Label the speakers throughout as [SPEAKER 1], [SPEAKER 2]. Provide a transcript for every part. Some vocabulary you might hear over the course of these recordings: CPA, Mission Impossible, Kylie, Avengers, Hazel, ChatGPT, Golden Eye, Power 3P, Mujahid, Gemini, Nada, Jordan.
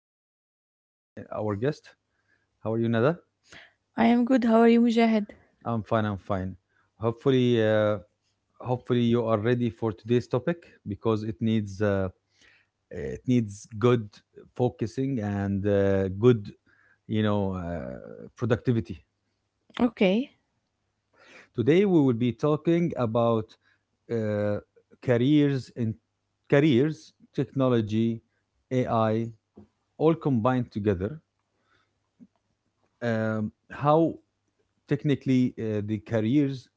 [SPEAKER 1] we have Nada, our guest. How are you, Nada?
[SPEAKER 2] I am good. How are you, Mujahid?
[SPEAKER 1] I'm fine. I'm fine. Hopefully, uh, hopefully, you are ready for today's topic because it needs good focusing and good, you know, uh, productivity.
[SPEAKER 2] Okay.
[SPEAKER 1] Today we will be talking about uh, careers in careers, technology, AI, all combined together, how technically the careers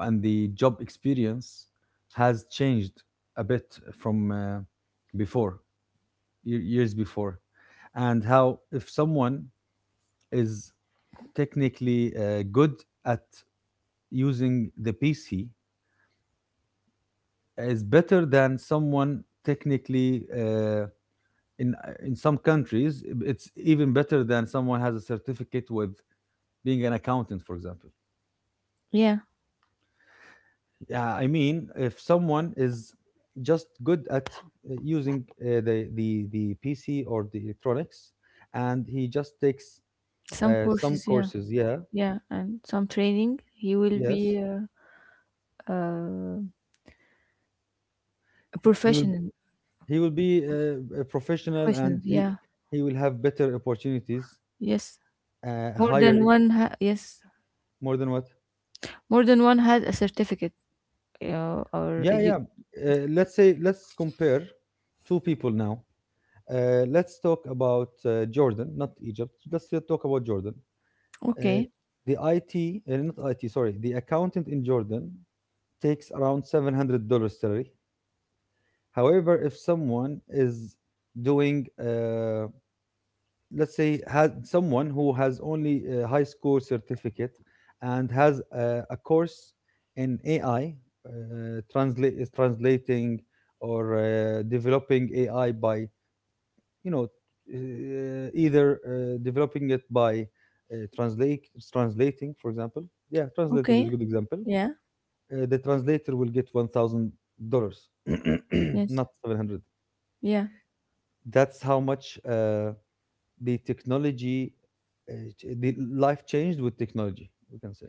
[SPEAKER 1] and the job experience has changed a bit from before years before, and how, if someone is technically good at using the PC, is better than someone technically in in some countries. It's even better than someone has a certificate with being an accountant, for example.
[SPEAKER 2] Yeah.
[SPEAKER 1] Yeah, I mean, if someone is just good at using the PC or the electronics, and he just takes
[SPEAKER 2] Some
[SPEAKER 1] some
[SPEAKER 2] courses. Yeah.
[SPEAKER 1] courses, yeah,
[SPEAKER 2] Yeah. And some training. He will
[SPEAKER 1] yes,
[SPEAKER 2] be uh, a
[SPEAKER 1] he will
[SPEAKER 2] professional.
[SPEAKER 1] he will be a professional,
[SPEAKER 2] Professional.
[SPEAKER 1] and he
[SPEAKER 2] Yeah.
[SPEAKER 1] he will have better opportunities,
[SPEAKER 2] Yes. More
[SPEAKER 1] higher
[SPEAKER 2] than one. Yes.
[SPEAKER 1] more than what?
[SPEAKER 2] More than one had a certificate or
[SPEAKER 1] Yeah,
[SPEAKER 2] edu-
[SPEAKER 1] yeah. Let's compare two people now. Let's talk about Jordan, not Egypt. Let's just talk about Jordan. Uh,
[SPEAKER 2] Okay.
[SPEAKER 1] the IT, not IT, sorry, the accountant in Jordan takes around $700 salary. However, if someone is doing, let's say, has someone who has only a high school certificate and has a course in AI, uh, translate is translating, or developing AI by, you know either developing it by translate translating, for example. Yeah, translating is
[SPEAKER 2] Okay.
[SPEAKER 1] a good example.
[SPEAKER 2] Yeah.
[SPEAKER 1] The translator will get $1000,
[SPEAKER 2] Yes.
[SPEAKER 1] not 700.
[SPEAKER 2] Yeah.
[SPEAKER 1] That's how much the technology the life changed with technology, we can say.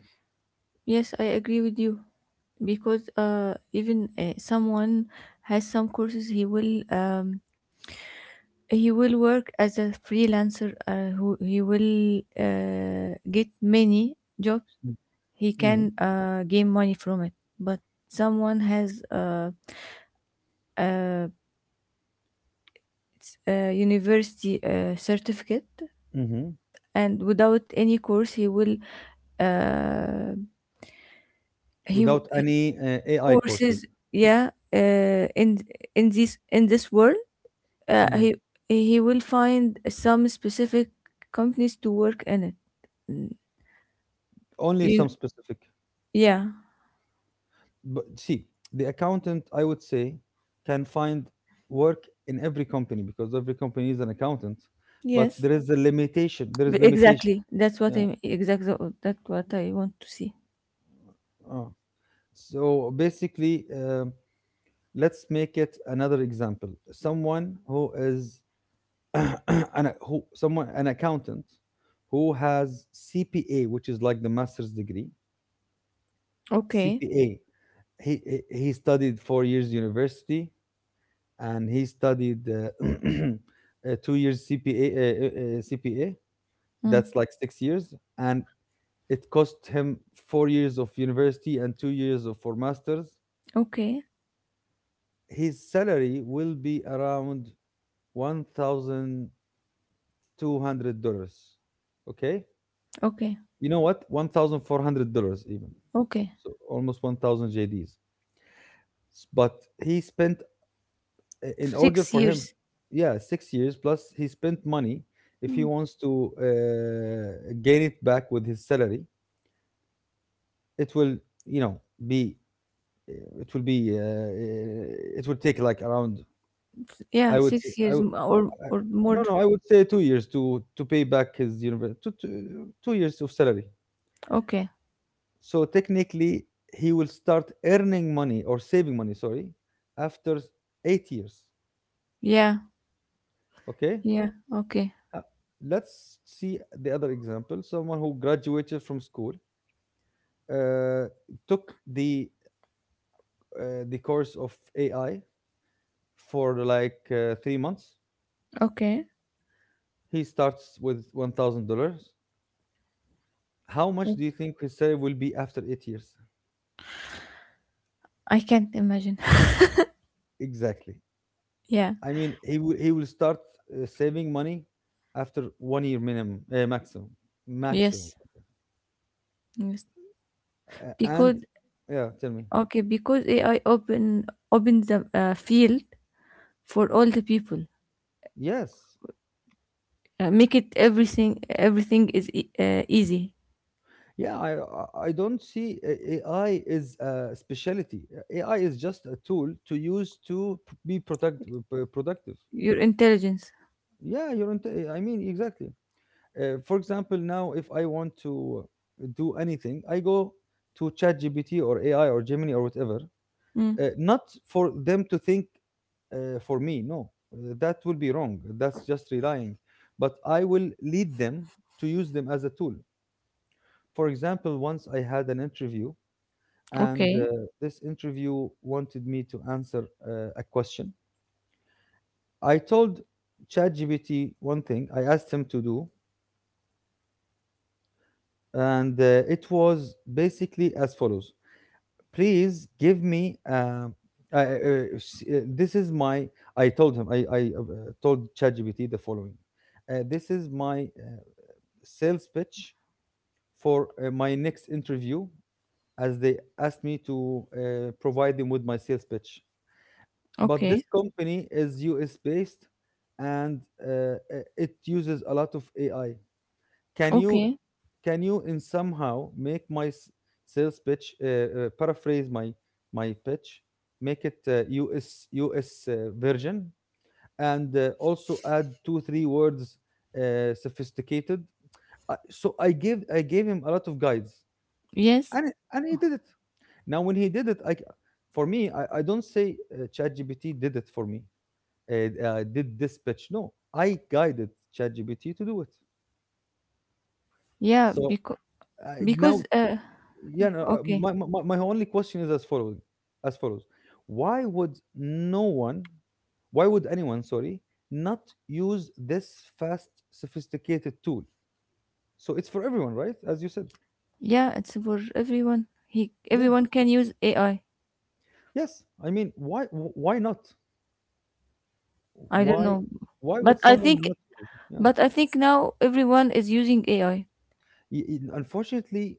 [SPEAKER 2] Yes, I agree with you because even someone has some courses, he will He will work as a freelancer, who he will get many jobs. He
[SPEAKER 1] Mm-hmm.
[SPEAKER 2] can gain money from it. But someone has it's a university certificate,
[SPEAKER 1] Mm-hmm.
[SPEAKER 2] and without any course, he will uh, he w-
[SPEAKER 1] Without any AI courses.
[SPEAKER 2] courses. Yeah, in this world, uh,
[SPEAKER 1] Mhm.
[SPEAKER 2] he he will find some specific companies to work in it. Mm.
[SPEAKER 1] Only
[SPEAKER 2] You,
[SPEAKER 1] some specific,
[SPEAKER 2] yeah.
[SPEAKER 1] but see, the accountant, I would say, can find work in every company because every company is an accountant, but
[SPEAKER 2] Yes.
[SPEAKER 1] there is a limitation, there is limitation.
[SPEAKER 2] Exactly.
[SPEAKER 1] Yeah.
[SPEAKER 2] That's what I want to see.
[SPEAKER 1] uh. So basically, let's make it another example. Someone who is an accountant who has CPA, which is like the master's degree.
[SPEAKER 2] Okay.
[SPEAKER 1] CPA, he studied 4 years university and he studied 2 years CPA. CPA. That's
[SPEAKER 2] Mm.
[SPEAKER 1] like 6 years, and it cost him 4 years of university and 2 years of for masters.
[SPEAKER 2] Okay.
[SPEAKER 1] His salary will be around $1,200. Okay,
[SPEAKER 2] Okay.
[SPEAKER 1] you know what? $1,400 even,
[SPEAKER 2] Okay.
[SPEAKER 1] so almost 1,000 JDs. But he spent, in order
[SPEAKER 2] Six
[SPEAKER 1] for him,
[SPEAKER 2] years.
[SPEAKER 1] yeah, 6 years, plus he spent money. If he
[SPEAKER 2] Mm.
[SPEAKER 1] wants to gain it back with his salary, it will, you know be, it will be it will take like around, I
[SPEAKER 2] Yeah,
[SPEAKER 1] would say
[SPEAKER 2] six
[SPEAKER 1] I,
[SPEAKER 2] years
[SPEAKER 1] w- I-
[SPEAKER 2] or
[SPEAKER 1] no,
[SPEAKER 2] more.
[SPEAKER 1] no, I would say 2 years to pay back his university, 2 years of salary.
[SPEAKER 2] Okay.
[SPEAKER 1] So technically he will start earning money, or saving money, sorry, after 8 years.
[SPEAKER 2] Yeah.
[SPEAKER 1] Okay.
[SPEAKER 2] Yeah. Okay.
[SPEAKER 1] Uh, let's see the other example. Someone who graduated from school, uh, took the course of AI for like 3 months.
[SPEAKER 2] Okay.
[SPEAKER 1] He starts with $1,000. How much do
[SPEAKER 2] Mm.
[SPEAKER 1] you think his salary will be after 8 years?
[SPEAKER 2] I can't imagine.
[SPEAKER 1] Exactly.
[SPEAKER 2] yeah.
[SPEAKER 1] I mean, he will start saving money after 1 year minimum, maximum, maximum.
[SPEAKER 2] Yes. Yes.
[SPEAKER 1] And
[SPEAKER 2] Because
[SPEAKER 1] yeah, tell me.
[SPEAKER 2] okay, because AI opens the field for all the people.
[SPEAKER 1] Yes,
[SPEAKER 2] Make it everything. Everything is easy.
[SPEAKER 1] yeah, I don't see, AI is a specialty. AI is just a tool to use to be productive.
[SPEAKER 2] Your intelligence.
[SPEAKER 1] Yeah, you're. I mean, exactly. For example, now if I want to do anything, I go to ChatGPT or AI or Gemini or whatever.
[SPEAKER 2] Mm.
[SPEAKER 1] Not for them to think for me. No. That will be wrong. That's just relying. But I will lead them to use them as a tool. For example, once I had an interview and
[SPEAKER 2] Okay,
[SPEAKER 1] this interview wanted me to answer a question. I told ChatGPT one thing I asked him to do, and it was basically as follows. Please give me. This is my. I told him. I Told ChatGPT the following. This is my sales pitch for my next interview, as they asked me to provide them with my sales pitch, but this
[SPEAKER 2] okay,
[SPEAKER 1] company is US based and it uses a lot of AI. Can you,
[SPEAKER 2] okay.
[SPEAKER 1] can you in somehow make my sales pitch, paraphrase my my pitch, make it US version, and also add two three words sophisticated. So I gave him a lot of guides,
[SPEAKER 2] Yes,
[SPEAKER 1] and he did it. Now when he did it, for me, I don't say ChatGPT did it for me, uh, did this pitch. No, I guided ChatGPT to do it.
[SPEAKER 2] yeah,
[SPEAKER 1] So
[SPEAKER 2] because because
[SPEAKER 1] now,
[SPEAKER 2] uh,
[SPEAKER 1] yeah, no,
[SPEAKER 2] okay,
[SPEAKER 1] my only question is as follows, why would no one, why would anyone, sorry, not use this fast, sophisticated tool? So it's for everyone, right? As you said,
[SPEAKER 2] yeah, it's for everyone. He
[SPEAKER 1] yeah,
[SPEAKER 2] Everyone can use AI.
[SPEAKER 1] yes. I mean, why, why not?
[SPEAKER 2] I don't
[SPEAKER 1] Why,
[SPEAKER 2] know,
[SPEAKER 1] why
[SPEAKER 2] but
[SPEAKER 1] would someone not use it? Yeah.
[SPEAKER 2] I think now everyone is using AI.
[SPEAKER 1] Unfortunately,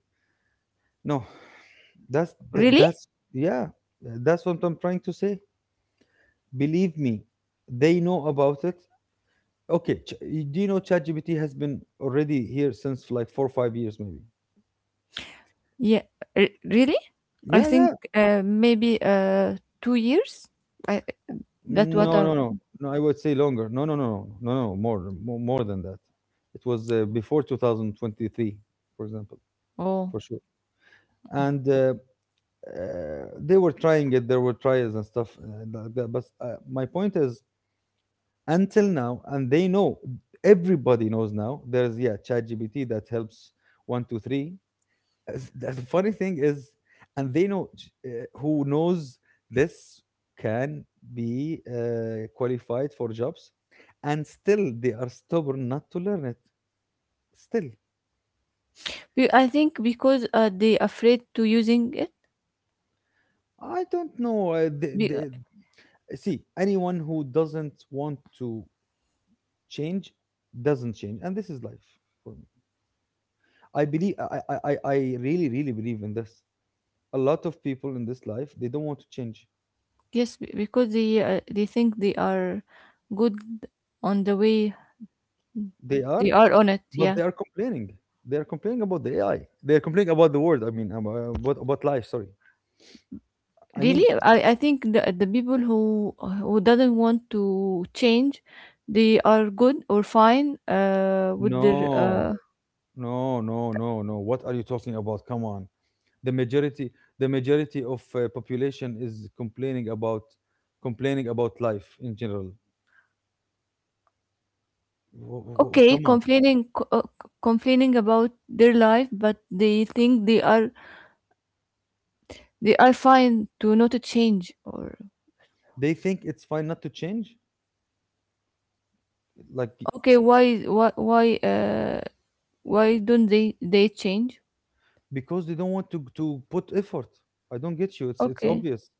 [SPEAKER 1] no.
[SPEAKER 2] Really?
[SPEAKER 1] That's, yeah, that's what I'm trying to say. Believe me, they know about it. Okay, do you know ChatGPT has been already here since like 4 or 5 years maybe?
[SPEAKER 2] Yeah, re- really? I
[SPEAKER 1] Yeah,
[SPEAKER 2] think
[SPEAKER 1] yeah.
[SPEAKER 2] maybe 2 years. I that what
[SPEAKER 1] No,
[SPEAKER 2] I
[SPEAKER 1] no, no. No, I would say longer. No, no, no, no, no, no. More, more, more than that. It was before 2023, for example,
[SPEAKER 2] Oh.
[SPEAKER 1] for sure. And uh, they were trying it. There were trials and stuff. Like that. But my point is, until now, and they know, everybody knows now there's, yeah, ChatGPT that helps one two three. The funny thing is, and they know who knows this can be qualified for jobs, and still they are stubborn not to learn it, still.
[SPEAKER 2] I think because they afraid to using it.
[SPEAKER 1] I don't know,
[SPEAKER 2] Be-
[SPEAKER 1] see, anyone who doesn't want to change doesn't change, and this is life. For me, I believe, I really really believe in this. A lot of people in this life, they don't want to change.
[SPEAKER 2] Yes, because they think they are good on the way
[SPEAKER 1] They are.
[SPEAKER 2] they are on it.
[SPEAKER 1] But they
[SPEAKER 2] Yeah,
[SPEAKER 1] are complaining. They are complaining about the AI. They are complaining about the world. I mean about, about life, sorry. I
[SPEAKER 2] really,
[SPEAKER 1] mean,
[SPEAKER 2] I think the people who doesn't want to change, they are good or fine with their
[SPEAKER 1] no no, what are you talking about? Come on. The majority, the majority of population is complaining about, complaining about life in general.
[SPEAKER 2] okay
[SPEAKER 1] Come on.
[SPEAKER 2] complaining complaining about their life, but they think they are fine to not to change or
[SPEAKER 1] They think it's fine not to change, like,
[SPEAKER 2] okay why don't they change?
[SPEAKER 1] because they don't want to put effort. I don't get you, it's
[SPEAKER 2] Okay,
[SPEAKER 1] obvious.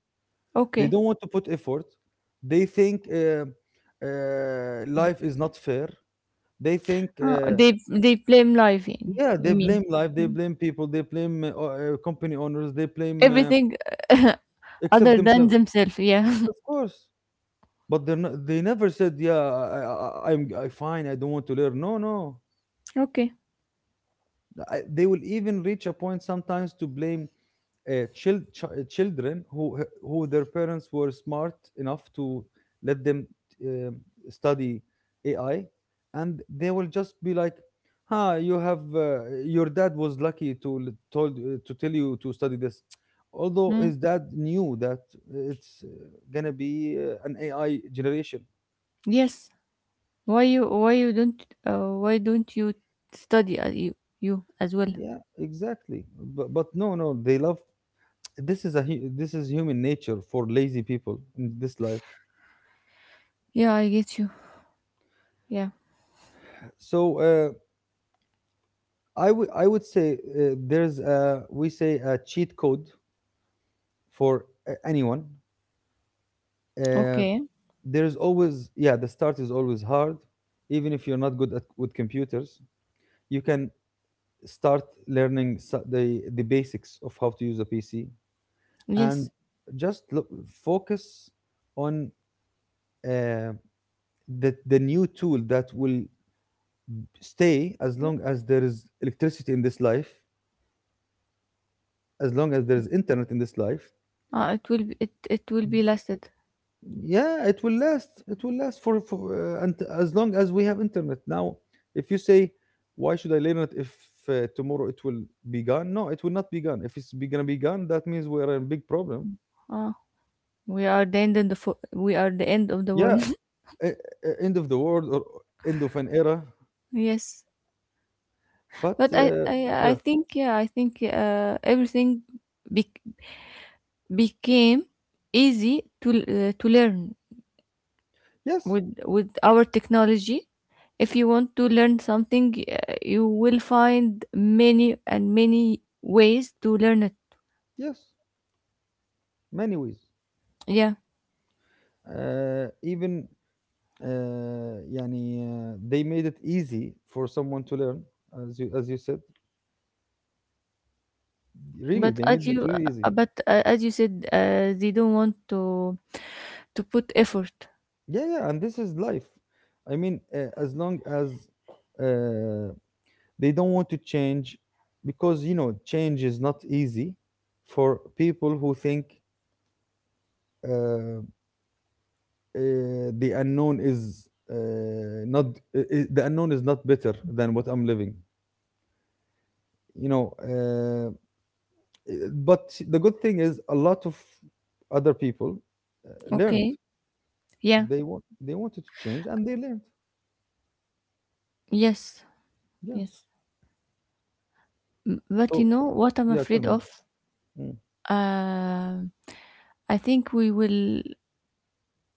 [SPEAKER 1] They
[SPEAKER 2] okay.
[SPEAKER 1] don't want to put effort. They think, life is not fair. They think,
[SPEAKER 2] Oh, they blame life.
[SPEAKER 1] yeah, they
[SPEAKER 2] You mean,
[SPEAKER 1] blame life, they
[SPEAKER 2] mm,
[SPEAKER 1] blame people, they blame company owners, they blame
[SPEAKER 2] everything
[SPEAKER 1] except
[SPEAKER 2] other than
[SPEAKER 1] themselves,
[SPEAKER 2] themselves? Yeah.
[SPEAKER 1] of course. But they never said, yeah, I, I'm, I, fine. I don't want to learn. No, no.
[SPEAKER 2] okay.
[SPEAKER 1] I, they will even reach a point sometimes to blame children who their parents were smart enough to let them uh, study AI, and they will just be like, "Huh, you have, your dad was lucky to l- told to tell you to study this." Although
[SPEAKER 2] Mm.
[SPEAKER 1] his dad knew that it's gonna be an AI generation.
[SPEAKER 2] Yes. Why you don't why don't you study you as well?
[SPEAKER 1] Yeah, exactly. But no, no, they love. This is a this is human nature for lazy people in this life.
[SPEAKER 2] Yeah, I get you. Yeah.
[SPEAKER 1] So. I would say there's a, we say a cheat code for anyone. Uh,
[SPEAKER 2] Okay.
[SPEAKER 1] there's always, yeah, the start is always hard, even if you're not good at with computers. You can start learning, the basics of how to use a PC, and
[SPEAKER 2] Yes.
[SPEAKER 1] just look, focus on uh, the new tool that will stay as long as there is electricity in this life, as long as there is internet in this life.
[SPEAKER 2] It it will be lasted.
[SPEAKER 1] Yeah, it will last, it will last for and as long as we have internet now. If you say, why should I learn it if tomorrow it will be gone? No, it will not be gone. If it's be gonna be gone, that means we're in big problem.
[SPEAKER 2] Uh, we are the end of the
[SPEAKER 1] Yeah,
[SPEAKER 2] world.
[SPEAKER 1] end of the world or end of an era.
[SPEAKER 2] yes.
[SPEAKER 1] But
[SPEAKER 2] But I, I I
[SPEAKER 1] yeah,
[SPEAKER 2] think I think everything be- became easy to learn
[SPEAKER 1] yes,
[SPEAKER 2] with our technology. If you want to learn something, you will find many and many ways to learn it.
[SPEAKER 1] yes, many ways.
[SPEAKER 2] Yeah,
[SPEAKER 1] Even uh, يعني they made it easy for someone to learn, as you said, really
[SPEAKER 2] but
[SPEAKER 1] they
[SPEAKER 2] as
[SPEAKER 1] made it
[SPEAKER 2] you
[SPEAKER 1] really easy.
[SPEAKER 2] uh, but uh, as you said, they don't want to put effort.
[SPEAKER 1] Yeah, yeah, and this is life. I mean, as long as uh, they don't want to change, because you know, change is not easy for people who think, uh, uh, the unknown is, uh, not, the unknown is not better than what I'm living. You know, uh, but the good thing is a lot of other people learned.
[SPEAKER 2] Okay. Yeah.
[SPEAKER 1] They wanted to change and they learned.
[SPEAKER 2] Yes.
[SPEAKER 1] Yeah.
[SPEAKER 2] Yes. But you
[SPEAKER 1] So
[SPEAKER 2] know what I'm
[SPEAKER 1] yeah, tell
[SPEAKER 2] afraid
[SPEAKER 1] me.
[SPEAKER 2] of?
[SPEAKER 1] Mm,
[SPEAKER 2] Uh, I think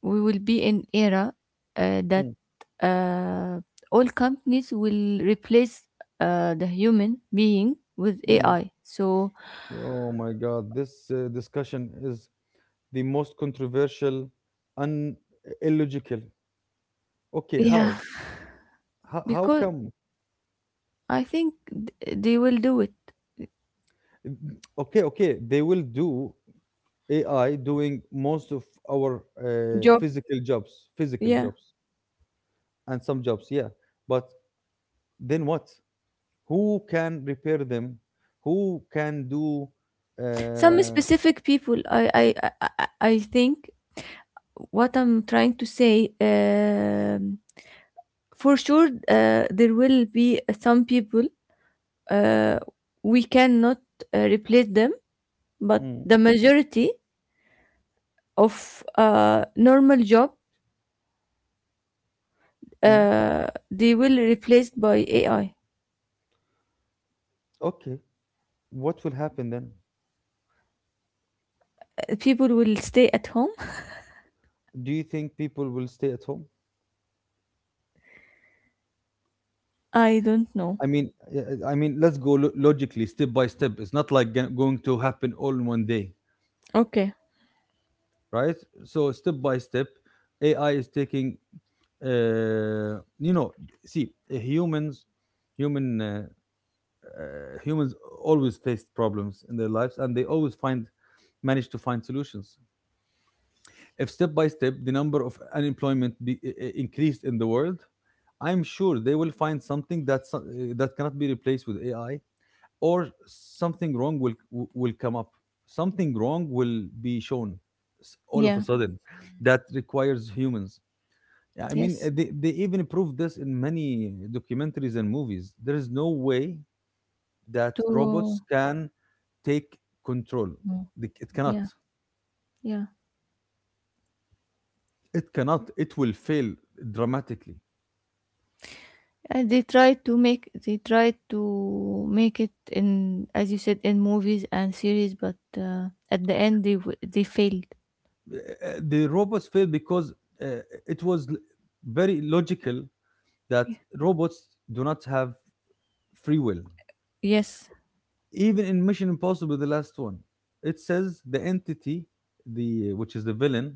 [SPEAKER 2] we will be in era that
[SPEAKER 1] mm,
[SPEAKER 2] uh, all companies will replace the human being with
[SPEAKER 1] mm.
[SPEAKER 2] AI. So.
[SPEAKER 1] Oh my God, this discussion is the most controversial and illogical. Okay,
[SPEAKER 2] Yeah,
[SPEAKER 1] how? How
[SPEAKER 2] because
[SPEAKER 1] come?
[SPEAKER 2] I think they will do it.
[SPEAKER 1] Okay, okay, they will do AI doing most of our
[SPEAKER 2] Job.
[SPEAKER 1] physical jobs,
[SPEAKER 2] Yeah.
[SPEAKER 1] and some jobs, yeah. But then what? Who can repair them? Who can do?
[SPEAKER 2] Some
[SPEAKER 1] Uh,
[SPEAKER 2] specific people, I think what I'm trying to say. For sure, there will be some people uh, we cannot replace them, but
[SPEAKER 1] mm,
[SPEAKER 2] the majority of normal job,
[SPEAKER 1] mm,
[SPEAKER 2] they will replaced by AI.
[SPEAKER 1] okay, what will happen then?
[SPEAKER 2] People will stay at home.
[SPEAKER 1] Do you think people will stay at home?
[SPEAKER 2] I don't know.
[SPEAKER 1] I mean, yeah, I mean, let's go logically, step by step. It's not like going to happen all in one day,
[SPEAKER 2] Okay.
[SPEAKER 1] right? So step by step, AI is taking. Uh, you know, See, human, uh, uh, humans always face problems in their lives, and they always manage to find solutions. If step by step the number of unemployment be increased in the world, I'm sure they will find something that cannot be replaced with AI, or something wrong will come up, something wrong will be shown all of a
[SPEAKER 2] Yeah.
[SPEAKER 1] sudden, that requires humans. Yeah, I mean,
[SPEAKER 2] Yes.
[SPEAKER 1] they even prove this in many documentaries and movies. There is no way that
[SPEAKER 2] To.
[SPEAKER 1] robots can take control.
[SPEAKER 2] Mm.
[SPEAKER 1] They c- it cannot
[SPEAKER 2] Yeah. Yeah.
[SPEAKER 1] it cannot It will fail dramatically.
[SPEAKER 2] And they try to make it in as you said in movies and series, but at the end they failed.
[SPEAKER 1] The robots fail because it was very logical that robots do not have free will,
[SPEAKER 2] Yes.
[SPEAKER 1] even in Mission Impossible, the last one. It says the entity, the which is the villain,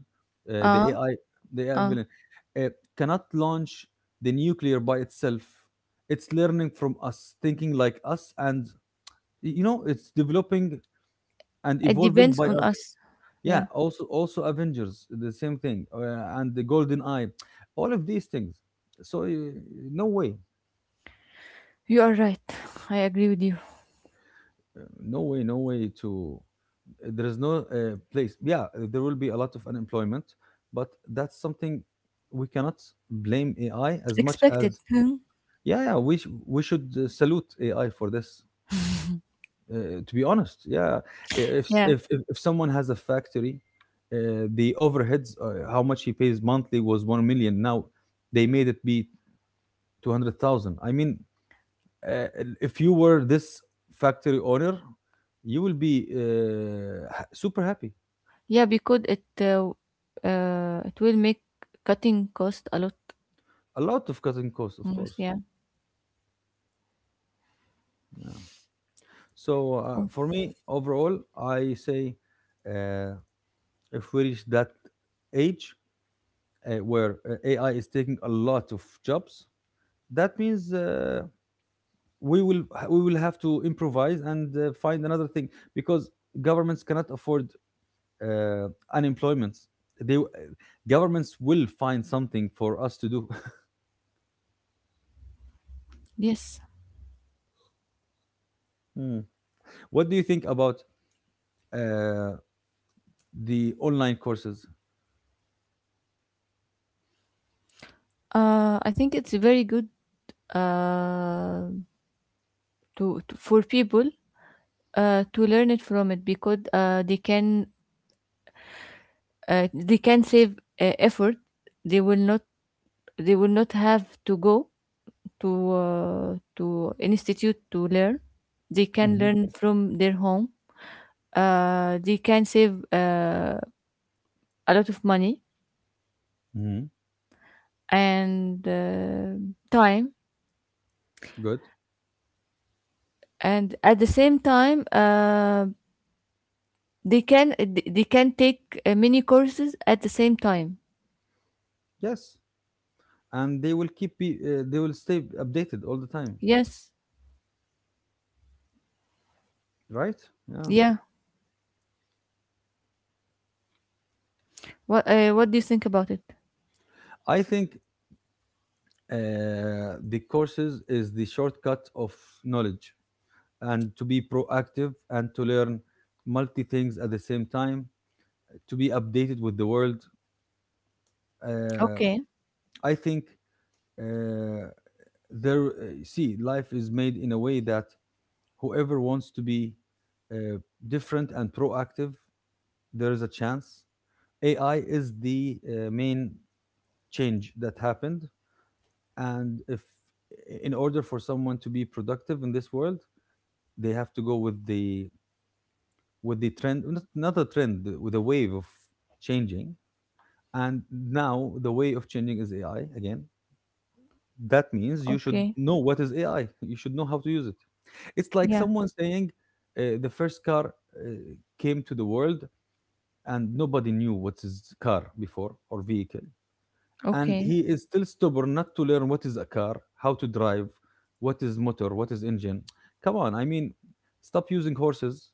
[SPEAKER 2] Uh.
[SPEAKER 1] the AI, the AI
[SPEAKER 2] Uh.
[SPEAKER 1] villain, uh, cannot launch the nuclear by itself. It's learning from us, thinking like us, and it's developing and
[SPEAKER 2] It
[SPEAKER 1] evolving
[SPEAKER 2] depends
[SPEAKER 1] by
[SPEAKER 2] on
[SPEAKER 1] us.
[SPEAKER 2] us.
[SPEAKER 1] Yeah,
[SPEAKER 2] Yeah.
[SPEAKER 1] also Avengers, the same thing, and the Golden Eye, all of these things. So no way.
[SPEAKER 2] You are right. I agree with you.
[SPEAKER 1] No way, to there is no place. Yeah, there will be a lot of unemployment, but that's something we cannot blame AI as much
[SPEAKER 2] Expected.
[SPEAKER 1] as,
[SPEAKER 2] Hmm.
[SPEAKER 1] yeah, yeah, we should salute AI for this, uh, to be honest. Yeah,
[SPEAKER 2] Yeah.
[SPEAKER 1] if someone has a factory, uh, the overheads, how much he pays monthly, was 1 million. Now they made it be 200,000, I mean, uh, if you were this factory owner, you will be super happy.
[SPEAKER 2] Yeah, because it will make cutting cost a lot.
[SPEAKER 1] A lot of cutting costs, of
[SPEAKER 2] Almost,
[SPEAKER 1] course.
[SPEAKER 2] yeah.
[SPEAKER 1] Yeah. So
[SPEAKER 2] Oh,
[SPEAKER 1] for me, overall, I say, uh, if we reach that age where AI is taking a lot of jobs, that means we will we will have to improvise and find another thing, because governments cannot afford unemployment. They w- Governments will find something for us to do.
[SPEAKER 2] yes.
[SPEAKER 1] Mm. What do you think about uh, the online courses?
[SPEAKER 2] I think it's very good uh, to for people to learn it from it because they can save effort. They will not they will not have to go to an institute to learn. They can
[SPEAKER 1] Hmm.
[SPEAKER 2] learn from their home. They can save a lot of money
[SPEAKER 1] Hmm.
[SPEAKER 2] and time,
[SPEAKER 1] Good.
[SPEAKER 2] and at the same time they can take many courses at the same time.
[SPEAKER 1] Yes, and they will stay updated all the time,
[SPEAKER 2] Yes.
[SPEAKER 1] right? Yeah.
[SPEAKER 2] Yeah. What what do you think about it?
[SPEAKER 1] I think the courses is the shortcut of knowledge, and to be proactive and to learn multi things at the same time, to be updated with the world. Uh,
[SPEAKER 2] Okay.
[SPEAKER 1] I think, uh, there see, life is made in a way that whoever wants to be uh, different and proactive, there is a chance. AI is the main change that happened, and if, in order for someone to be productive in this world, they have to go with the trend. Not, not a trend, with a wave of changing. And now the way of changing is AI again. That means you should
[SPEAKER 2] Okay.
[SPEAKER 1] know what is AI. You should know how to use it. It's like
[SPEAKER 2] Yeah.
[SPEAKER 1] someone saying, the first car, uh, came to the world, and nobody knew what is car before or vehicle. And
[SPEAKER 2] Okay.
[SPEAKER 1] he is still stubborn not to learn what is a car, how to drive, what is motor, what is engine. Come on, I mean, stop using horses,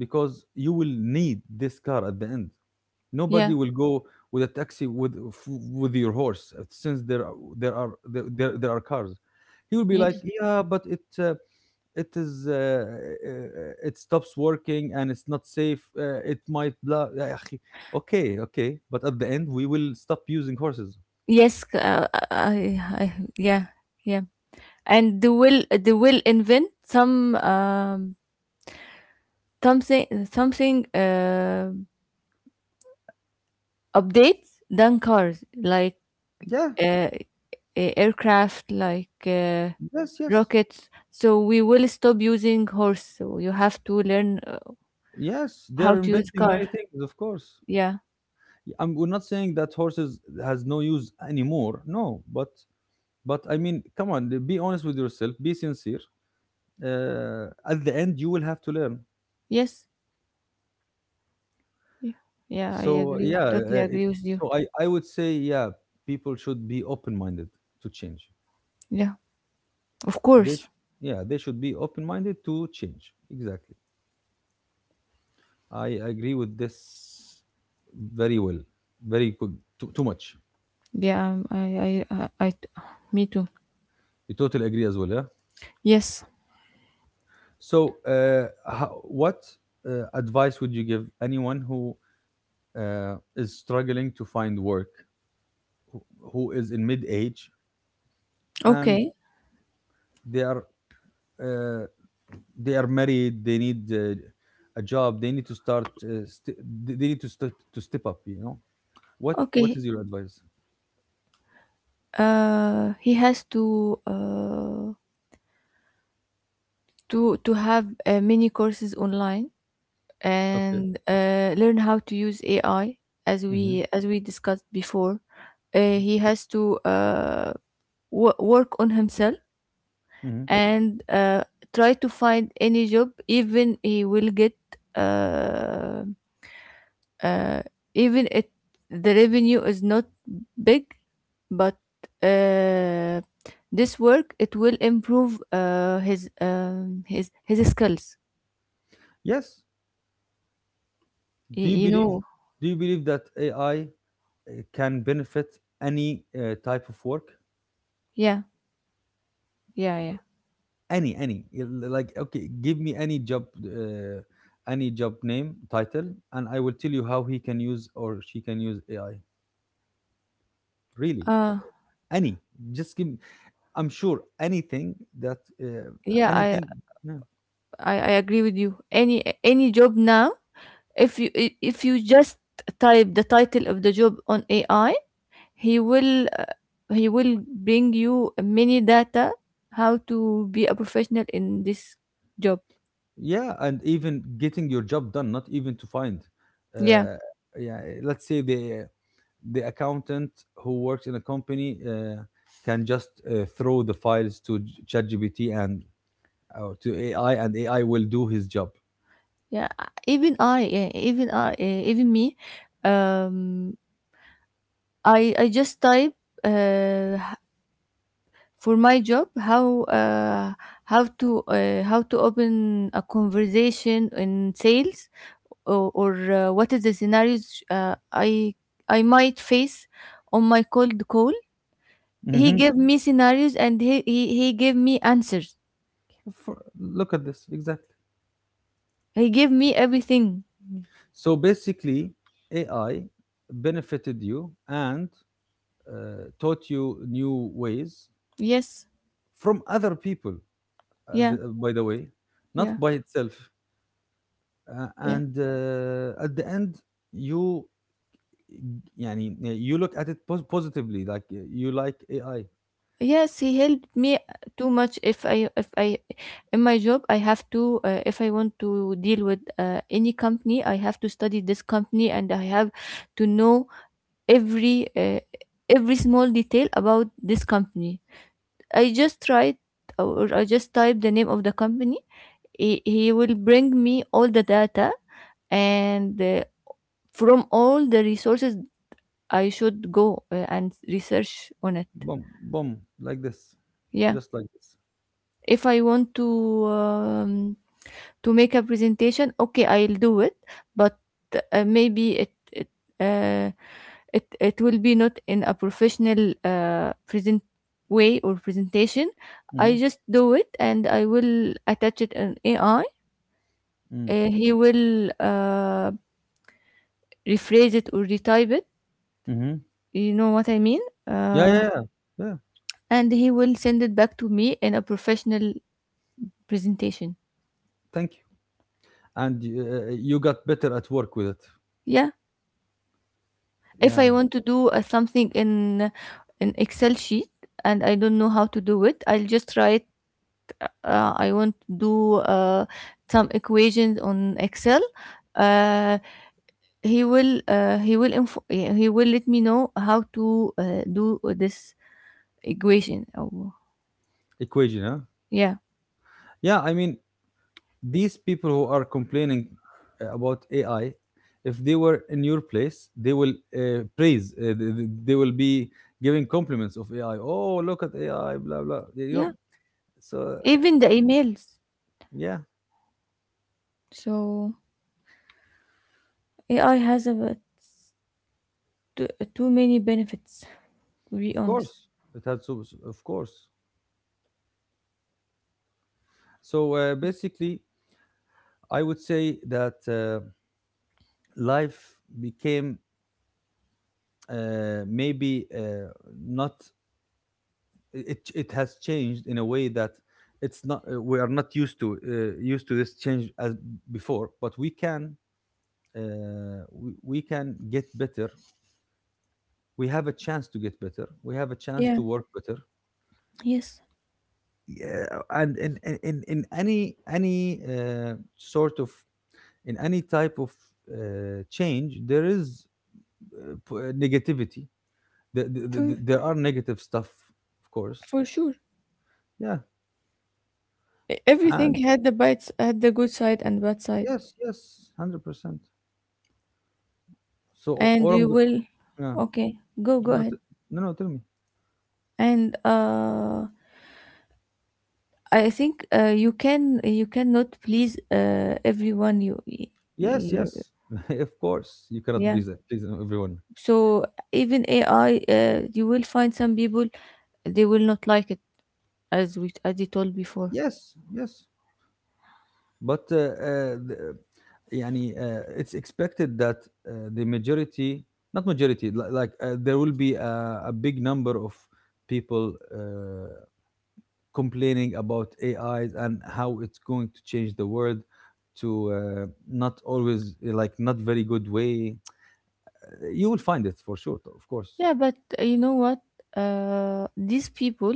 [SPEAKER 1] because you will need this car at the end.
[SPEAKER 2] Yeah.
[SPEAKER 1] Nobody will go with a taxi with with your horse, since there are cars. He will be like,
[SPEAKER 2] Yes.
[SPEAKER 1] yeah, but it is, it stops working and it's not safe. It might blah. يا أخي. Okay, okay, but at the end we will stop using horses.
[SPEAKER 2] Yes, yeah, yeah and they will invent some something updates than cars, like
[SPEAKER 1] Yeah,
[SPEAKER 2] uh, aircraft, like
[SPEAKER 1] yes, yes,
[SPEAKER 2] rockets. So we will stop using horse, so you have to learn
[SPEAKER 1] yes. They
[SPEAKER 2] how
[SPEAKER 1] are
[SPEAKER 2] to use
[SPEAKER 1] inventing
[SPEAKER 2] car.
[SPEAKER 1] many things, of course.
[SPEAKER 2] Yeah.
[SPEAKER 1] We're not saying that horses has no use anymore. No, but I mean, come on, be honest with yourself. Be sincere. At the end you will have to learn.
[SPEAKER 2] Yes. Yeah,
[SPEAKER 1] So yeah,
[SPEAKER 2] totally agree with you.
[SPEAKER 1] so I would say, yeah, people should be open minded to change.
[SPEAKER 2] Yeah, of
[SPEAKER 1] they
[SPEAKER 2] course.
[SPEAKER 1] sh- yeah, they should be open minded to change, exactly. I agree with this. Very well, very good, too, too much.
[SPEAKER 2] Yeah, I me too.
[SPEAKER 1] You totally agree as well, yeah.
[SPEAKER 2] Yes.
[SPEAKER 1] So how, what advice would you give anyone who is struggling to find work, who, who is in mid age and
[SPEAKER 2] Okay.
[SPEAKER 1] they are uh, they are married, they need a job, they need to start, they need to step, to step up, what
[SPEAKER 2] Okay,
[SPEAKER 1] is your advice?
[SPEAKER 2] he has to to have many courses online
[SPEAKER 1] Okay.
[SPEAKER 2] and learn how to use AI, as
[SPEAKER 1] Hmm.
[SPEAKER 2] we discussed before. He has to work on himself
[SPEAKER 1] Hmm.
[SPEAKER 2] and try to find any job, even he will get uh, uh, even it the revenue is not big, but uh, this work it will improve his skills.
[SPEAKER 1] Yes. do you
[SPEAKER 2] Y- you
[SPEAKER 1] believe
[SPEAKER 2] know.
[SPEAKER 1] do you believe that AI can benefit any type of work?
[SPEAKER 2] Yeah, yeah, yeah.
[SPEAKER 1] Any Yeah, like, okay, give me any job, uh, any job name, title, and I will tell you how he can use or she can use AI, really,
[SPEAKER 2] Uh
[SPEAKER 1] any. Just give, I'm sure anything that,
[SPEAKER 2] yeah,
[SPEAKER 1] anything, yeah.
[SPEAKER 2] I agree with you. Any job now, if you if you just type the title of the job on AI, he will uh, he will bring you many data how to be a professional in this job.
[SPEAKER 1] Yeah, and even getting your job done, not even to find,
[SPEAKER 2] Yeah.
[SPEAKER 1] uh, yeah, let's say the accountant who works in a company can just throw the files to ChatGPT and to AI, and AI will do his job.
[SPEAKER 2] Yeah, even me, um I just type uh for my job, how how to open a conversation in sales, or what is the scenarios I might face on my cold call. He
[SPEAKER 1] Hmm.
[SPEAKER 2] gave me scenarios, and he gave me answers.
[SPEAKER 1] For, look at this exactly.
[SPEAKER 2] He gave me everything.
[SPEAKER 1] So basically, AI benefited you and taught you new ways
[SPEAKER 2] Yes.
[SPEAKER 1] from other people.
[SPEAKER 2] Yeah.
[SPEAKER 1] By the way, not
[SPEAKER 2] Yeah.
[SPEAKER 1] by itself.
[SPEAKER 2] Yeah.
[SPEAKER 1] And at the end, you you look at it positively, like, you like AI.
[SPEAKER 2] Yes, he helped me too much. If I, in my job, I have to, if I want to deal with any company, I have to study this company and I have to know every, uh, every small detail about this company. I just tried I just type the name of the company. He will bring me all the data and from all the resources I should go and research on it.
[SPEAKER 1] Boom, boom, like this,
[SPEAKER 2] Yeah.
[SPEAKER 1] just like this.
[SPEAKER 2] If I want um, to make a presentation, okay, I'll do it, but maybe it it uh, it it will be not in a professional present way or presentation. I
[SPEAKER 1] Hmm.
[SPEAKER 2] just do it and I will attach it an AI.
[SPEAKER 1] Mm.
[SPEAKER 2] He will rephrase it or retype it.
[SPEAKER 1] Mm-hmm.
[SPEAKER 2] You know what I mean?
[SPEAKER 1] Yeah,
[SPEAKER 2] Uh,
[SPEAKER 1] yeah, yeah, yeah.
[SPEAKER 2] and he will send it back to me in a professional presentation.
[SPEAKER 1] Thank you. And you got better at work with it.
[SPEAKER 2] Yeah. If
[SPEAKER 1] Yeah,
[SPEAKER 2] I want to do something in an Excel sheet and I don't know how to do it, I'll just write. I want to do some equations on Excel. Uh, he will he will let me know how to do this equation. Oh,
[SPEAKER 1] equation, huh?
[SPEAKER 2] yeah,
[SPEAKER 1] Yeah, I mean, these people who are complaining about AI, if they were in your place, they will praise. They will be giving compliments of AI. Oh, look at AI, blah blah. You know.
[SPEAKER 2] yeah.
[SPEAKER 1] So
[SPEAKER 2] Even the emails.
[SPEAKER 1] yeah,
[SPEAKER 2] So AI has too, too many benefits. To be
[SPEAKER 1] of course
[SPEAKER 2] honest.
[SPEAKER 1] it had, of course. So basically, I would say that life became, maybe not it has changed in a way that it's not, we are not used to, used to this change as before, but we can, we can get better. We have a chance to get better, we have a chance
[SPEAKER 2] Yeah.
[SPEAKER 1] to work better.
[SPEAKER 2] Yes.
[SPEAKER 1] Yeah, and in any sort of, in any type of change, there is negativity.
[SPEAKER 2] True.
[SPEAKER 1] There are negative stuff, of course.
[SPEAKER 2] For sure.
[SPEAKER 1] Yeah.
[SPEAKER 2] Everything
[SPEAKER 1] And
[SPEAKER 2] had the had the good side and bad side,
[SPEAKER 1] yes, yes, 100%. So o-
[SPEAKER 2] and
[SPEAKER 1] or I'm
[SPEAKER 2] you
[SPEAKER 1] go-
[SPEAKER 2] will.
[SPEAKER 1] yeah.
[SPEAKER 2] Okay, go
[SPEAKER 1] No,
[SPEAKER 2] ahead.
[SPEAKER 1] no, no, tell me.
[SPEAKER 2] And I think you can you cannot please everyone. You,
[SPEAKER 1] Yes,
[SPEAKER 2] y-
[SPEAKER 1] yes. Of course, you cannot
[SPEAKER 2] yeah.
[SPEAKER 1] please it- please everyone.
[SPEAKER 2] So even AI, you will find some people they will not like it, as we as I told before.
[SPEAKER 1] Yes, yes. But it's expected that the majority, not majority, like, there will be a big number of people complaining about AIs and how it's going to change the world to, not always, like, not very good way. You will find it for sure, of course.
[SPEAKER 2] Yeah, but you know what? These people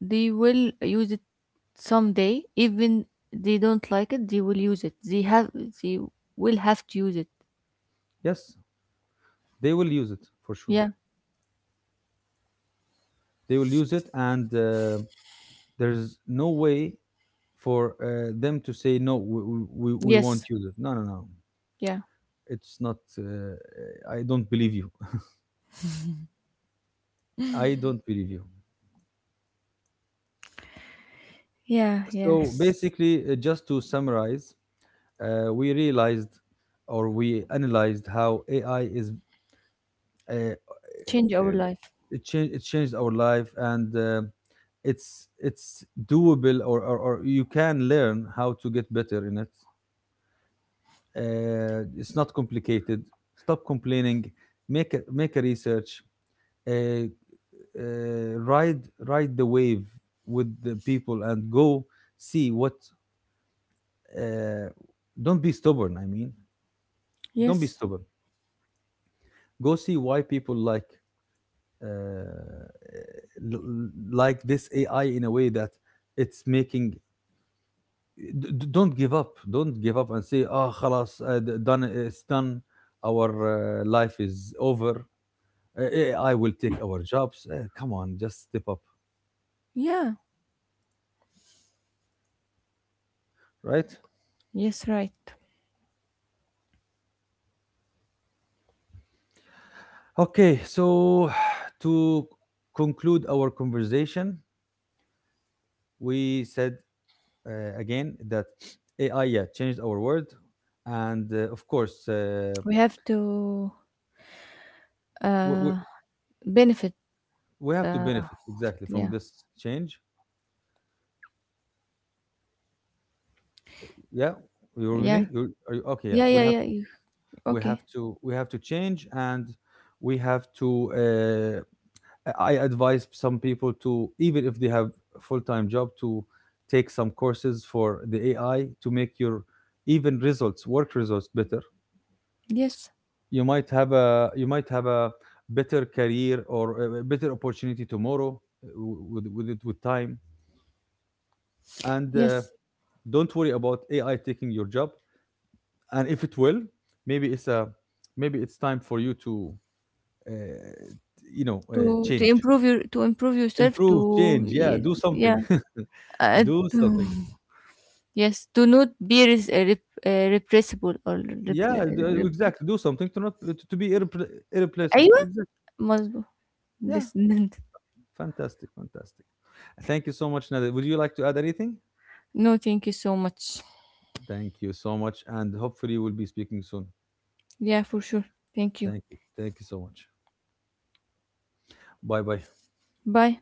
[SPEAKER 2] they will use it someday, even they don't like it they will use it, they have, they will have to use it.
[SPEAKER 1] Yes. They will use it for sure.
[SPEAKER 2] Yeah.
[SPEAKER 1] They will use it, and there's no way for them to say no. We
[SPEAKER 2] Yes.
[SPEAKER 1] won't use it. No, no, no.
[SPEAKER 2] Yeah.
[SPEAKER 1] It's not. I don't believe you. I don't believe you.
[SPEAKER 2] Yeah.
[SPEAKER 1] So
[SPEAKER 2] Yes.
[SPEAKER 1] basically, just to summarize, we realized, or we analyzed, how AI is, uh, uh,
[SPEAKER 2] Change our
[SPEAKER 1] uh,
[SPEAKER 2] life.
[SPEAKER 1] it changed our life, and it's doable, or you can learn how to get better in it. It's not complicated. Stop complaining. Make a research. Uh, Ride the wave with the people and go see what. Uh, don't be stubborn. I mean, don't be
[SPEAKER 2] Yes.
[SPEAKER 1] stubborn. Go see why people like, uh, l- like this AI in a way that it's making. Don't give up. Don't give up and say, "Ah, oh, خلاص, done. It's done. Our life is over." AI will take our jobs. Come on, just step up,
[SPEAKER 2] Yeah.
[SPEAKER 1] right?
[SPEAKER 2] Yes, right.
[SPEAKER 1] Okay, so to conclude our conversation, we said again that AI, yeah, changed our world, and of course,
[SPEAKER 2] We have to
[SPEAKER 1] we, we,
[SPEAKER 2] uh benefit.
[SPEAKER 1] we have to
[SPEAKER 2] Uh,
[SPEAKER 1] benefit exactly from
[SPEAKER 2] yeah.
[SPEAKER 1] this change. Yeah, you're with
[SPEAKER 2] Yeah.
[SPEAKER 1] me. Okay, yeah,
[SPEAKER 2] Yeah. Yeah. Yeah, okay.
[SPEAKER 1] we have to change, and we have to. I advise some people to, even if they have a full-time job, to take some courses for the AI to make your even results, work results, better.
[SPEAKER 2] Yes.
[SPEAKER 1] You might have a better career or a better opportunity tomorrow, uh, with it, with time. And
[SPEAKER 2] Yes,
[SPEAKER 1] don't worry about AI taking your job. And if it will, maybe it's time for you to uh,
[SPEAKER 2] to
[SPEAKER 1] change.
[SPEAKER 2] improve your, to improve yourself, to
[SPEAKER 1] Improve, change, yeah, do
[SPEAKER 2] yeah,
[SPEAKER 1] something.
[SPEAKER 2] uh,
[SPEAKER 1] Do something.
[SPEAKER 2] yes, do not be repressible or repl-
[SPEAKER 1] Yeah,
[SPEAKER 2] uh, rep-
[SPEAKER 1] exactly, do something to not to be irreplaceable,
[SPEAKER 2] أيوة.
[SPEAKER 1] exactly.
[SPEAKER 2] مظبوط.
[SPEAKER 1] Yeah,
[SPEAKER 2] This.
[SPEAKER 1] fantastic, fantastic. Thank you so much, Nader. Would you like to add anything?
[SPEAKER 2] No, thank you so much.
[SPEAKER 1] Thank you so much, and hopefully we'll be speaking soon.
[SPEAKER 2] Yeah, for sure. Thank you.
[SPEAKER 1] Thank you, thank you so much. Bye bye.
[SPEAKER 2] Bye.